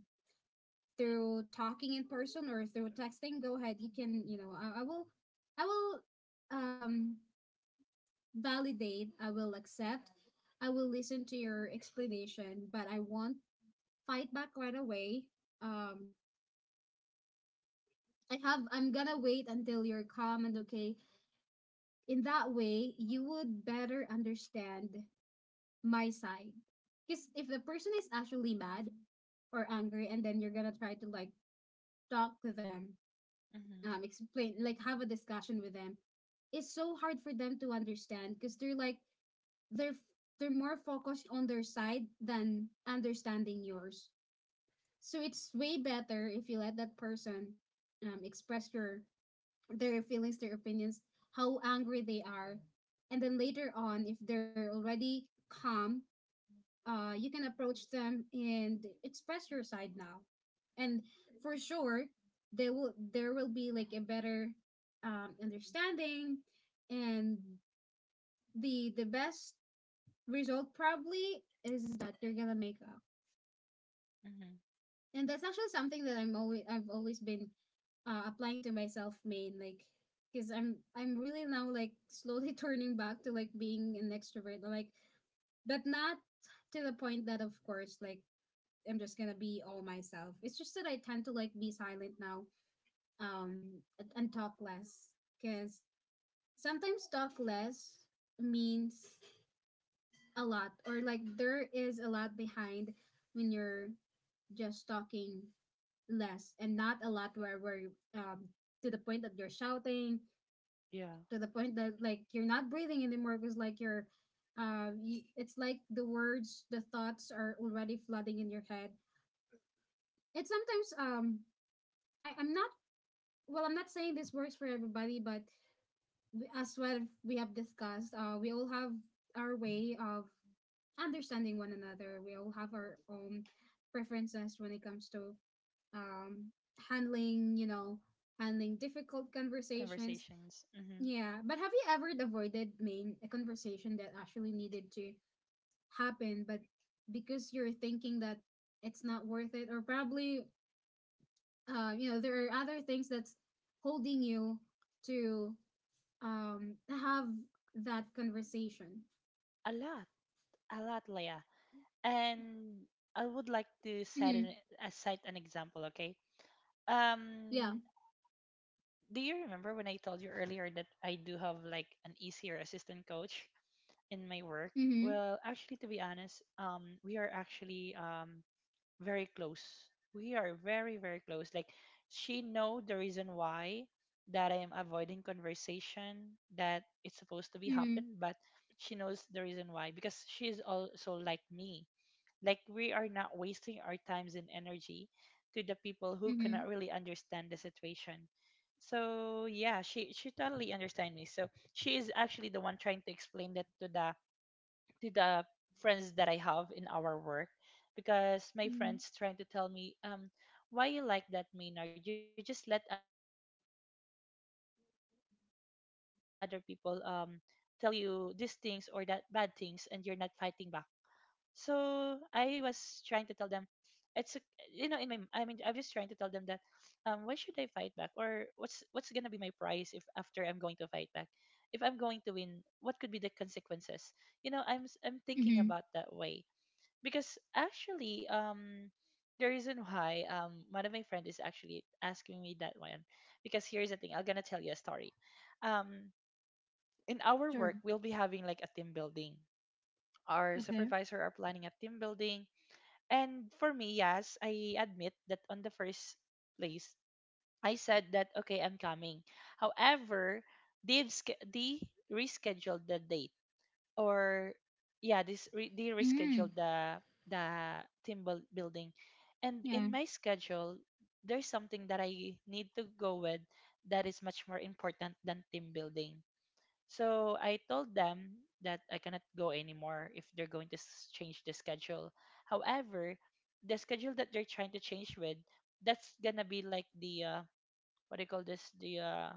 A: through talking in person or through texting, go ahead. You can, you know, I will um validate. I will accept. I will listen to your explanation, but I won't fight back right away. Um, I have. I'm gonna wait until you're calm and okay, in that way you would better understand my side, because if the person is actually mad or angry and then you're gonna try to like talk to them,
B: Hmm.
A: explain, like have a discussion with them, it's so hard for them to understand because they're like they're f- they're more focused on their side than understanding yours. So it's way better if you let that person express your their feelings, their opinions, how angry they are. And then later on, if they're already calm, you can approach them and express your side now. And for sure, there will be like a better understanding, and the best result probably is that you're gonna make.
B: Hmm.
A: And that's actually something that I've always been, applying to myself, main like because I'm really now like slowly turning back to like being an extrovert, like, but not to the point that of course like I'm just gonna be all myself. It's just that I tend to like be silent now, and talk less, because sometimes talk less means a lot, or like there is a lot behind when you're just talking less and not a lot, where we're to the point that you're shouting,
B: Yeah.
A: to the point that like you're not breathing anymore because like it's like the thoughts are already flooding in your head. It's sometimes I'm not, well I'm not saying this works for everybody, but we, as well, we have discussed, we all have our way of understanding one another. We all have our own preferences when it comes to um, handling, you know, handling difficult conversations.
B: Conversations. Hmm.
A: Yeah, but have you ever avoided, main a conversation that actually needed to happen, but because you're thinking that it's not worth it, or probably, you know, there are other things that's holding you to have that conversation.
B: A lot. A lot, Leah. And I would like to set
A: Mm-hmm.
B: cite an example. Okay.
A: Yeah.
B: Um. Do you remember when I told you earlier that I do have like an easier assistant coach in my work?
A: Mm-hmm.
B: Well, actually, to be honest, we are actually very close. We are very, very close. Like, she know the reason why that I am avoiding conversation that it's supposed to be
A: Mm-hmm.
B: happen, but she knows the reason why, because she is also like me. Like, we are not wasting our times and energy to the people who
A: Mm-hmm.
B: cannot really understand the situation. So yeah, she totally understand me. So she is actually the one trying to explain that to the friends that I have in our work, because my
A: Mm-hmm.
B: friends trying to tell me, why you like that, Maynard? You just let other people tell you these things or that bad things, and you're not fighting back. So I was trying to tell them, it's a, you know, in my I mean, I'm just trying to tell them that why should I fight back? Or what's gonna be my price if, after I'm going to fight back, if I'm going to win, what could be the consequences? You know, I'm thinking
A: Mm-hmm.
B: about that way. Because actually, the reason why, one of my friend is actually asking me that one, because here's the thing, I'm gonna tell you a story. um in our
A: Sure.
B: work, we'll be having like a team building. Our
A: Okay.
B: supervisor are planning a team building. And for me, yes, I admit that on the first place, I said that, okay, I'm coming. However, they rescheduled the date, or yeah, they
A: Mm-hmm.
B: rescheduled the team building. And
A: Yeah.
B: in my schedule, there's something that I need to go with that is much more important than team building. So I told them that I cannot go anymore if they're going to change the schedule. However, the schedule that they're trying to change with, that's gonna be like the what do you call this? The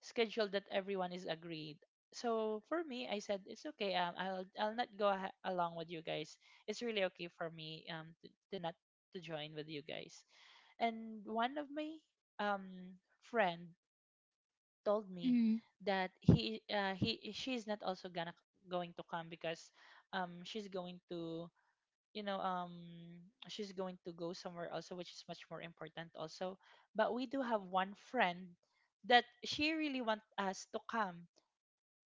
B: schedule that everyone is agreed. So for me, I said it's okay. I'll not along with you guys. It's really okay for me to not to join with you guys. And one of my friend told me
A: Mm-hmm.
B: that he she's not also gonna going to come because she's going to you know um she's going to go somewhere also, which is much more important also. But we do have one friend that she really want us to come.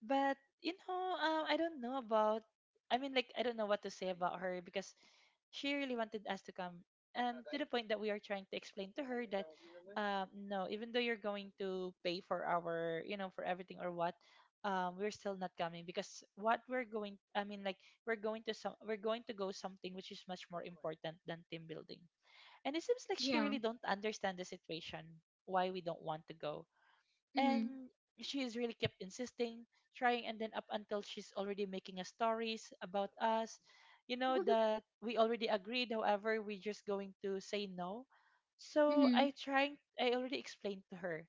B: But I don't know about I mean like I don't know what to say about her because she really wanted us to come, and to the point that we are trying to explain to her that no, even though you're going to pay for our, you know, for everything or what, we're still not coming because what we're going I mean like we're going to go something which is much more important than team building. And it seems like she
A: Yeah.
B: really don't understand the situation why we don't want to go.
A: Mm-hmm.
B: And she is really kept insisting, trying, and then up until she's already making a stories about us, you know, that we already agreed, however we just going to say no. So
A: Mm-hmm.
B: I already explained to her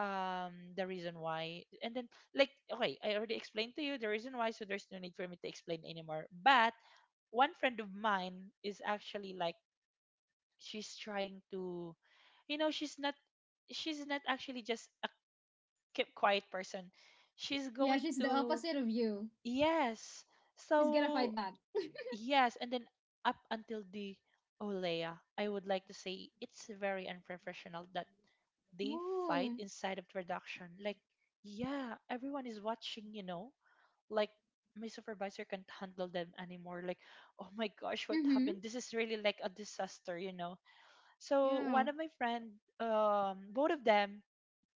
B: the reason why. And then like, okay, I already explained to you the reason why, so there's no need for me to explain anymore. But one friend of mine is actually like, she's trying to, you know, she's not actually just keep quiet person. She's
A: Yeah,
B: going
A: she's the
B: to,
A: opposite of you.
B: yes,
A: She's gonna
B: so
A: fight back.
B: yes. And then up until the, oh, I would like to say it's very unprofessional that they fight
A: Oh.
B: inside of production. Like, yeah, everyone is watching, you know, like my supervisor can't handle them anymore. Like, oh my gosh, what
A: Mm-hmm.
B: happened? This is really like a disaster, you know. So
A: Yeah.
B: one of my friend, both of them,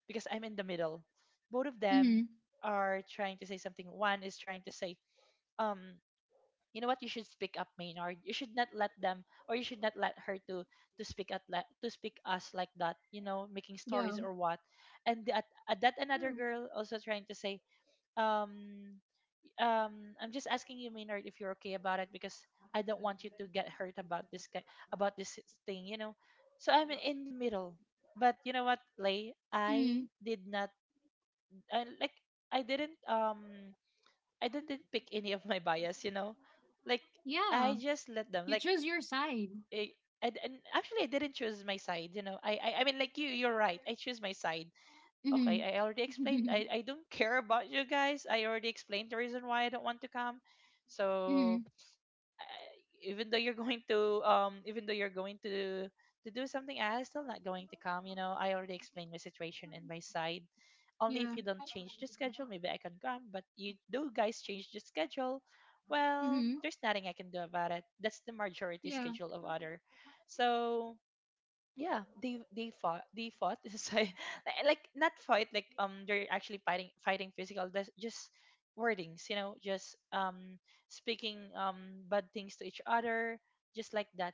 B: because I'm in the middle. Both of
A: Mm-hmm.
B: them are trying to say something. One is trying to say, um, you know what, you should speak up, Maynard. You should not let them, or you should not let her to to speak us like that, you know, making stories
A: Yeah.
B: or what. And at that another
A: True.
B: girl also trying to say, um, um, I'm just asking you, Maynard, if you're okay about it because I don't want you to get hurt about about this thing, you know. So I'm in the middle. But you know what, Lay,
A: Mm.
B: I, like I didn't um I didn't pick any of my bias, you know. Like
A: Yeah.
B: I just let them
A: You
B: like
A: choose your side.
B: I, And actually I didn't choose my side, you know. You you're right, I choose my side. Okay, I already explained.
A: Mm-hmm.
B: I don't care about you guys. I already explained the reason why I don't want to come.
A: Mm-hmm.
B: So even though you're going to even though you're going to do something, I am still not going to come. You know, I already explained my situation and my side. Only if
A: Yeah.
B: you don't change the schedule, maybe I can come. But you do guys change the schedule, well,
A: Mm-hmm.
B: there's nothing I can do about it. That's the majority
A: Yeah.
B: schedule of other. So yeah, they fought, they fought, so, like, not fight like they're actually fighting physical. That's just wordings, you know, just speaking, bad things to each other, just like that.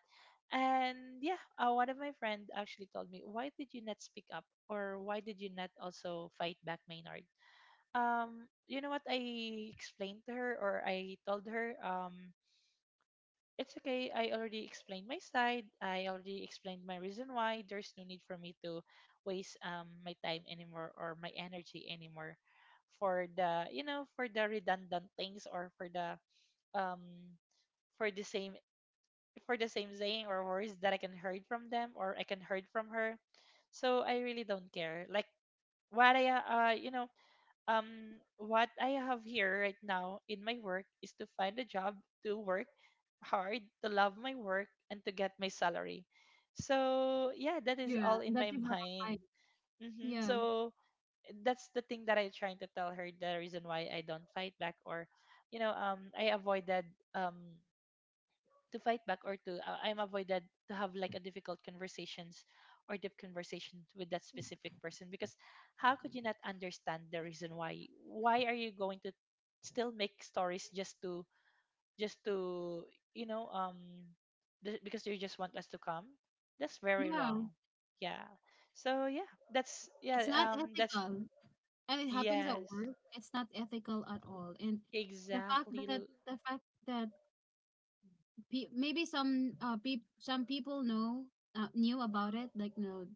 B: And yeah, one of my friend actually told me, why did you not speak up, or why did you not also fight back, Maynard? You know what, I explained to her, or I told her, it's okay, I already explained my side. I already explained my reason why. There's no need for me to waste my time anymore or my energy anymore for the, you know, for the redundant things, or for the, um for the same, for the same saying or words that I can heard from them or I can heard from her. So I really don't care. Like, what I you know, what I have here right now in my work is to find a job, to work hard, to love my work, and to get my salary. So yeah, that is all
A: Yeah.
B: in my
A: That you have a fight.
B: mind. Hmm.
A: Yeah.
B: So that's the thing that I'm trying to tell her, the reason why I don't fight back, or, you know, I avoided um to fight back, or to I'm avoided to have like a difficult conversations or deep conversation with that specific person. Because how could you not understand the reason why? Why are you going to still make stories just to, just to, you know, because you just want us to come. That's very
A: Yeah.
B: wrong. Yeah. So yeah, that's,
A: It's
B: yeah,
A: not
B: that's,
A: ethical. And it happens at
B: yes,
A: work. It's not ethical at all. And the fact
B: exactly
A: that
B: l-
A: the fact that maybe some people know, knew about it, like, no,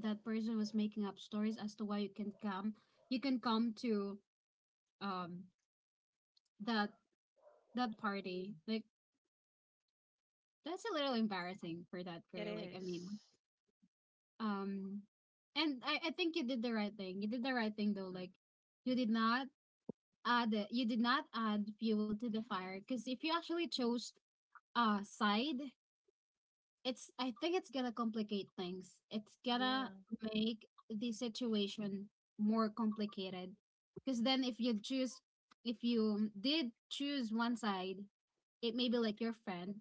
A: that person was making up stories as to why you can come, you can come to um that that party, like that's a little embarrassing for that
B: it
A: girl, like I
B: is.
A: mean, um and I think you did the right thing. You did the right thing though, like you did not add you did not add fuel to the fire, because if you actually chose a side, it's, I think it's gonna complicate things. It's gonna
B: Yeah.
A: make the situation more complicated. Because then if you choose, if you did choose one side, it may be like your friend,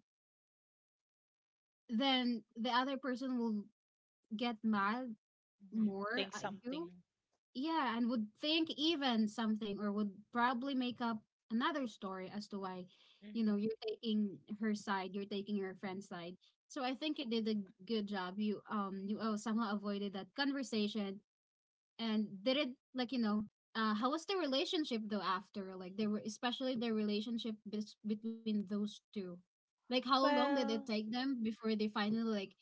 A: then the other person will get mad
B: Mm-hmm,
A: more
B: think
A: at
B: something.
A: you, yeah, and would think even something or would probably make up another story as to why, you know,
B: Mm-hmm.
A: you're taking her side, you're taking your friend's side. So I think you did a good job. You you, oh, somehow avoided that conversation and did it like, you know, uh, how was the relationship though after, like there were, especially the relationship between those two, like how long did it
B: Well,
A: take them before they finally like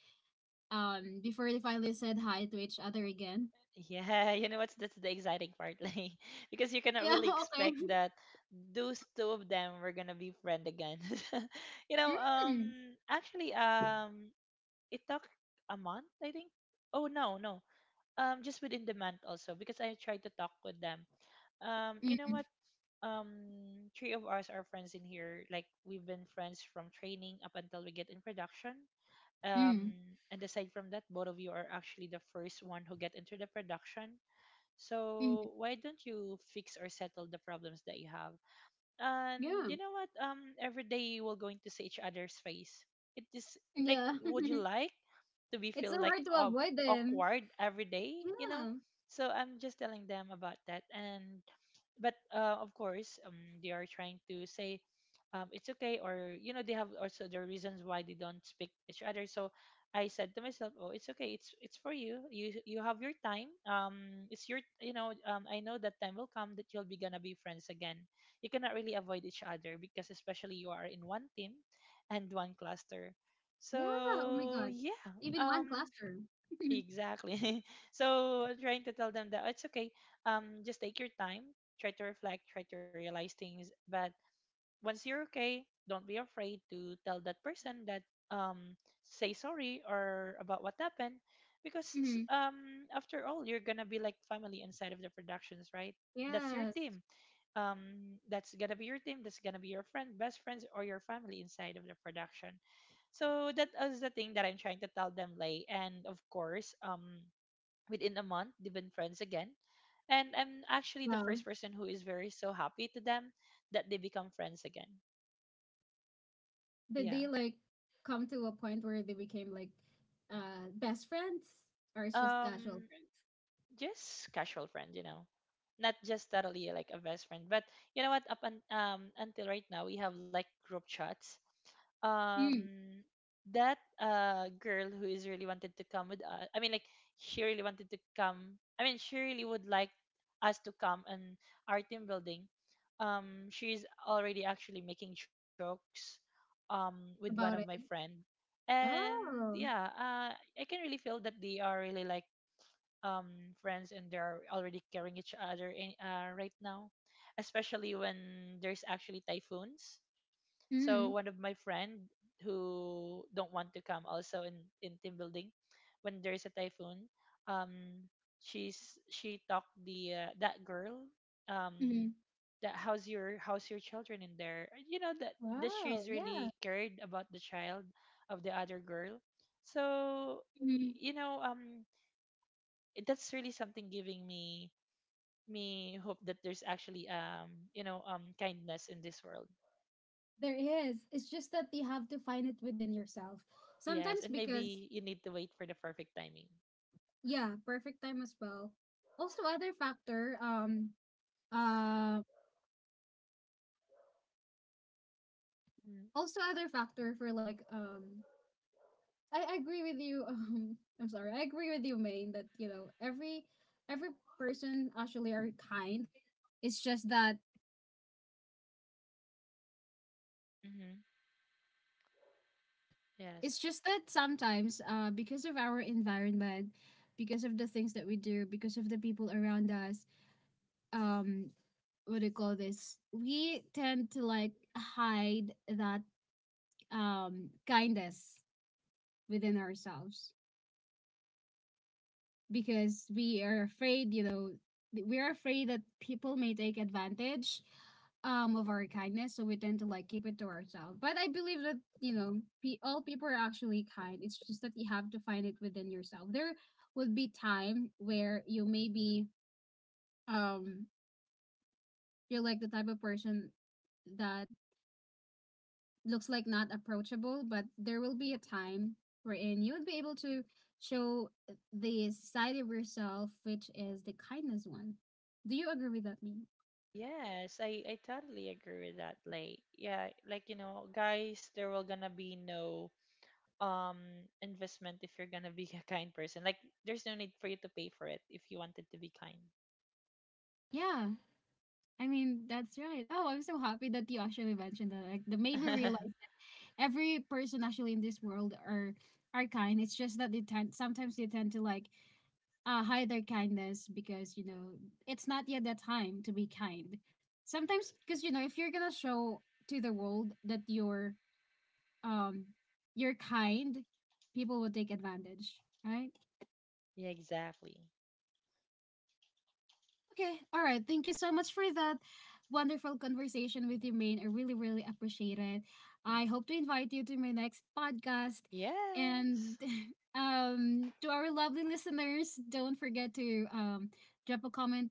A: before they finally said hi to each other again?
B: yeah, you know what's, that's the exciting part, like, because you cannot
A: Yeah,
B: really
A: okay.
B: expect that those two of them were gonna be friend again. You know,
A: Mm.
B: actually, it took a month, I think. Oh no, no, just within the month also, because I tried to talk with them. You know what? Um, three of us are friends in here. Like, we've been friends from training up until we get in production. Um,
A: Mm.
B: and aside from that, both of you are actually the first one who get into the production.
A: Mm.
B: So why don't you fix or settle the problems that you have? And
A: Yeah.
B: you know what? Every day we're going to see each other's face. It is like,
A: Yeah.
B: would you like to be
A: It's
B: feel
A: so
B: like
A: hard to avoid them.
B: awkward every day, you know.
A: Yeah.
B: So I'm just telling them about that. And but of course, they are trying to say, it's okay, or you know, they have also their reasons why they don't speak each other. So I said to myself, oh, it's okay, it's for you, you have your time, it's your, you know, I know that time will come that you'll be gonna be friends again. You cannot really avoid each other, because especially you are in one team and one cluster.
A: Yeah. Oh my
B: So
A: God.
B: yeah,
A: Even one
B: um,
A: classroom.
B: exactly. So I'm trying to tell them that it's okay. Just take your time, try to reflect, try to realize things. But once you're okay, don't be afraid to tell that person that um say sorry or about what happened. Because
A: Hmm.
B: after all, you're gonna be like family inside of the productions, right? That's your
A: Yes.
B: team, that's gonna be your team, that's gonna be your friend, best friends, or your family inside of the production. So that is the thing that I'm trying to tell them, Lay. And of course, within a month, they've been friends again. And I'm actually the
A: Wow.
B: first person who is very so happy to them that they become friends again.
A: Did
B: Yeah.
A: they like come to a point where they became like, uh, best friends, or it's just casual
B: Um,
A: friends?
B: just casual friend, you know, not just totally like a best friend. But you know what? Until right now, we have like group chats.
A: Mm.
B: Um, that girl who is really wanted to come with us, I mean, like, she really wanted to come. I mean, she really would like us to come and our team building. She's already actually making jokes. With one of my
A: About it?
B: friend. And
A: Oh.
B: yeah, I can really feel that they are really like friends, and they're already carrying each other in, right now, especially when there's actually typhoons. So one
A: Mm.
B: of my friend who don't want to come also in team building, when there's a typhoon, um she talked the that girl, um
A: Mm.
B: that how's your, how's your children in there, you know, that that
A: Wow.
B: she's really
A: Yeah.
B: cared about the child of the other girl. So
A: Hmm.
B: you know, that's really something giving me hope that there's actually, you know, kindness in this world.
A: There is. It's just that you have to find it within yourself.
B: Yes,
A: Sometimes,
B: and
A: because
B: maybe you need to wait for the perfect timing.
A: yeah, perfect time as well. Also other factor, um uh
B: Mm-hmm.
A: also other factor for like I agree with you, I'm sorry, I agree with you, Maine, that, you know, every person actually are kind. It's just that,
B: Mm-hmm.
A: it's
B: Yes.
A: just that sometimes, because of our environment, because of the things that we do, because of the people around us, um what do you call this? We tend to like hide that kindness within ourselves, because we are afraid, you know, we are afraid that people may take advantage of our kindness, so we tend to like keep it to ourselves. But I believe that, you know, all people are actually kind. It's just that you have to find it within yourself. There would be time where you may be um you're like the type of person that looks like not approachable, but there will be a time wherein you would be able to show the side of yourself, which is the kindness one. Do you agree with that, me?
B: Yes, I totally agree with that. Like, yeah, like, you know, guys, there will gonna be no investment if you're gonna be a kind person. Like, there's no need for you to pay for it if you wanted to be kind.
A: Yeah, I mean that's right. Oh, I'm so happy that you actually mentioned that. Like, that made me realize every person actually in this world are kind. It's just that they tend, sometimes they tend to like hide their kindness because, you know, it's not yet the time to be kind. Sometimes, because you know, if you're gonna show to the world that um you're kind, people will take advantage, right?
B: Yeah, exactly.
A: Okay, all right. Thank you so much for that wonderful conversation with you, Maine. I really, really appreciate it. I hope to invite you to my next podcast.
B: Yes.
A: And to our lovely listeners, don't forget to drop a comment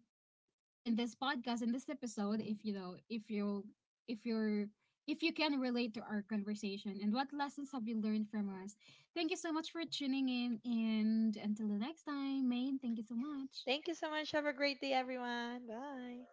A: in this podcast, in this episode, if you know, if you're if you can relate to our conversation, and what lessons have you learned from us. Thank you so much for tuning in, and until the next time, Maine, thank you so much.
B: Thank you so much. Have a great day, everyone. Bye.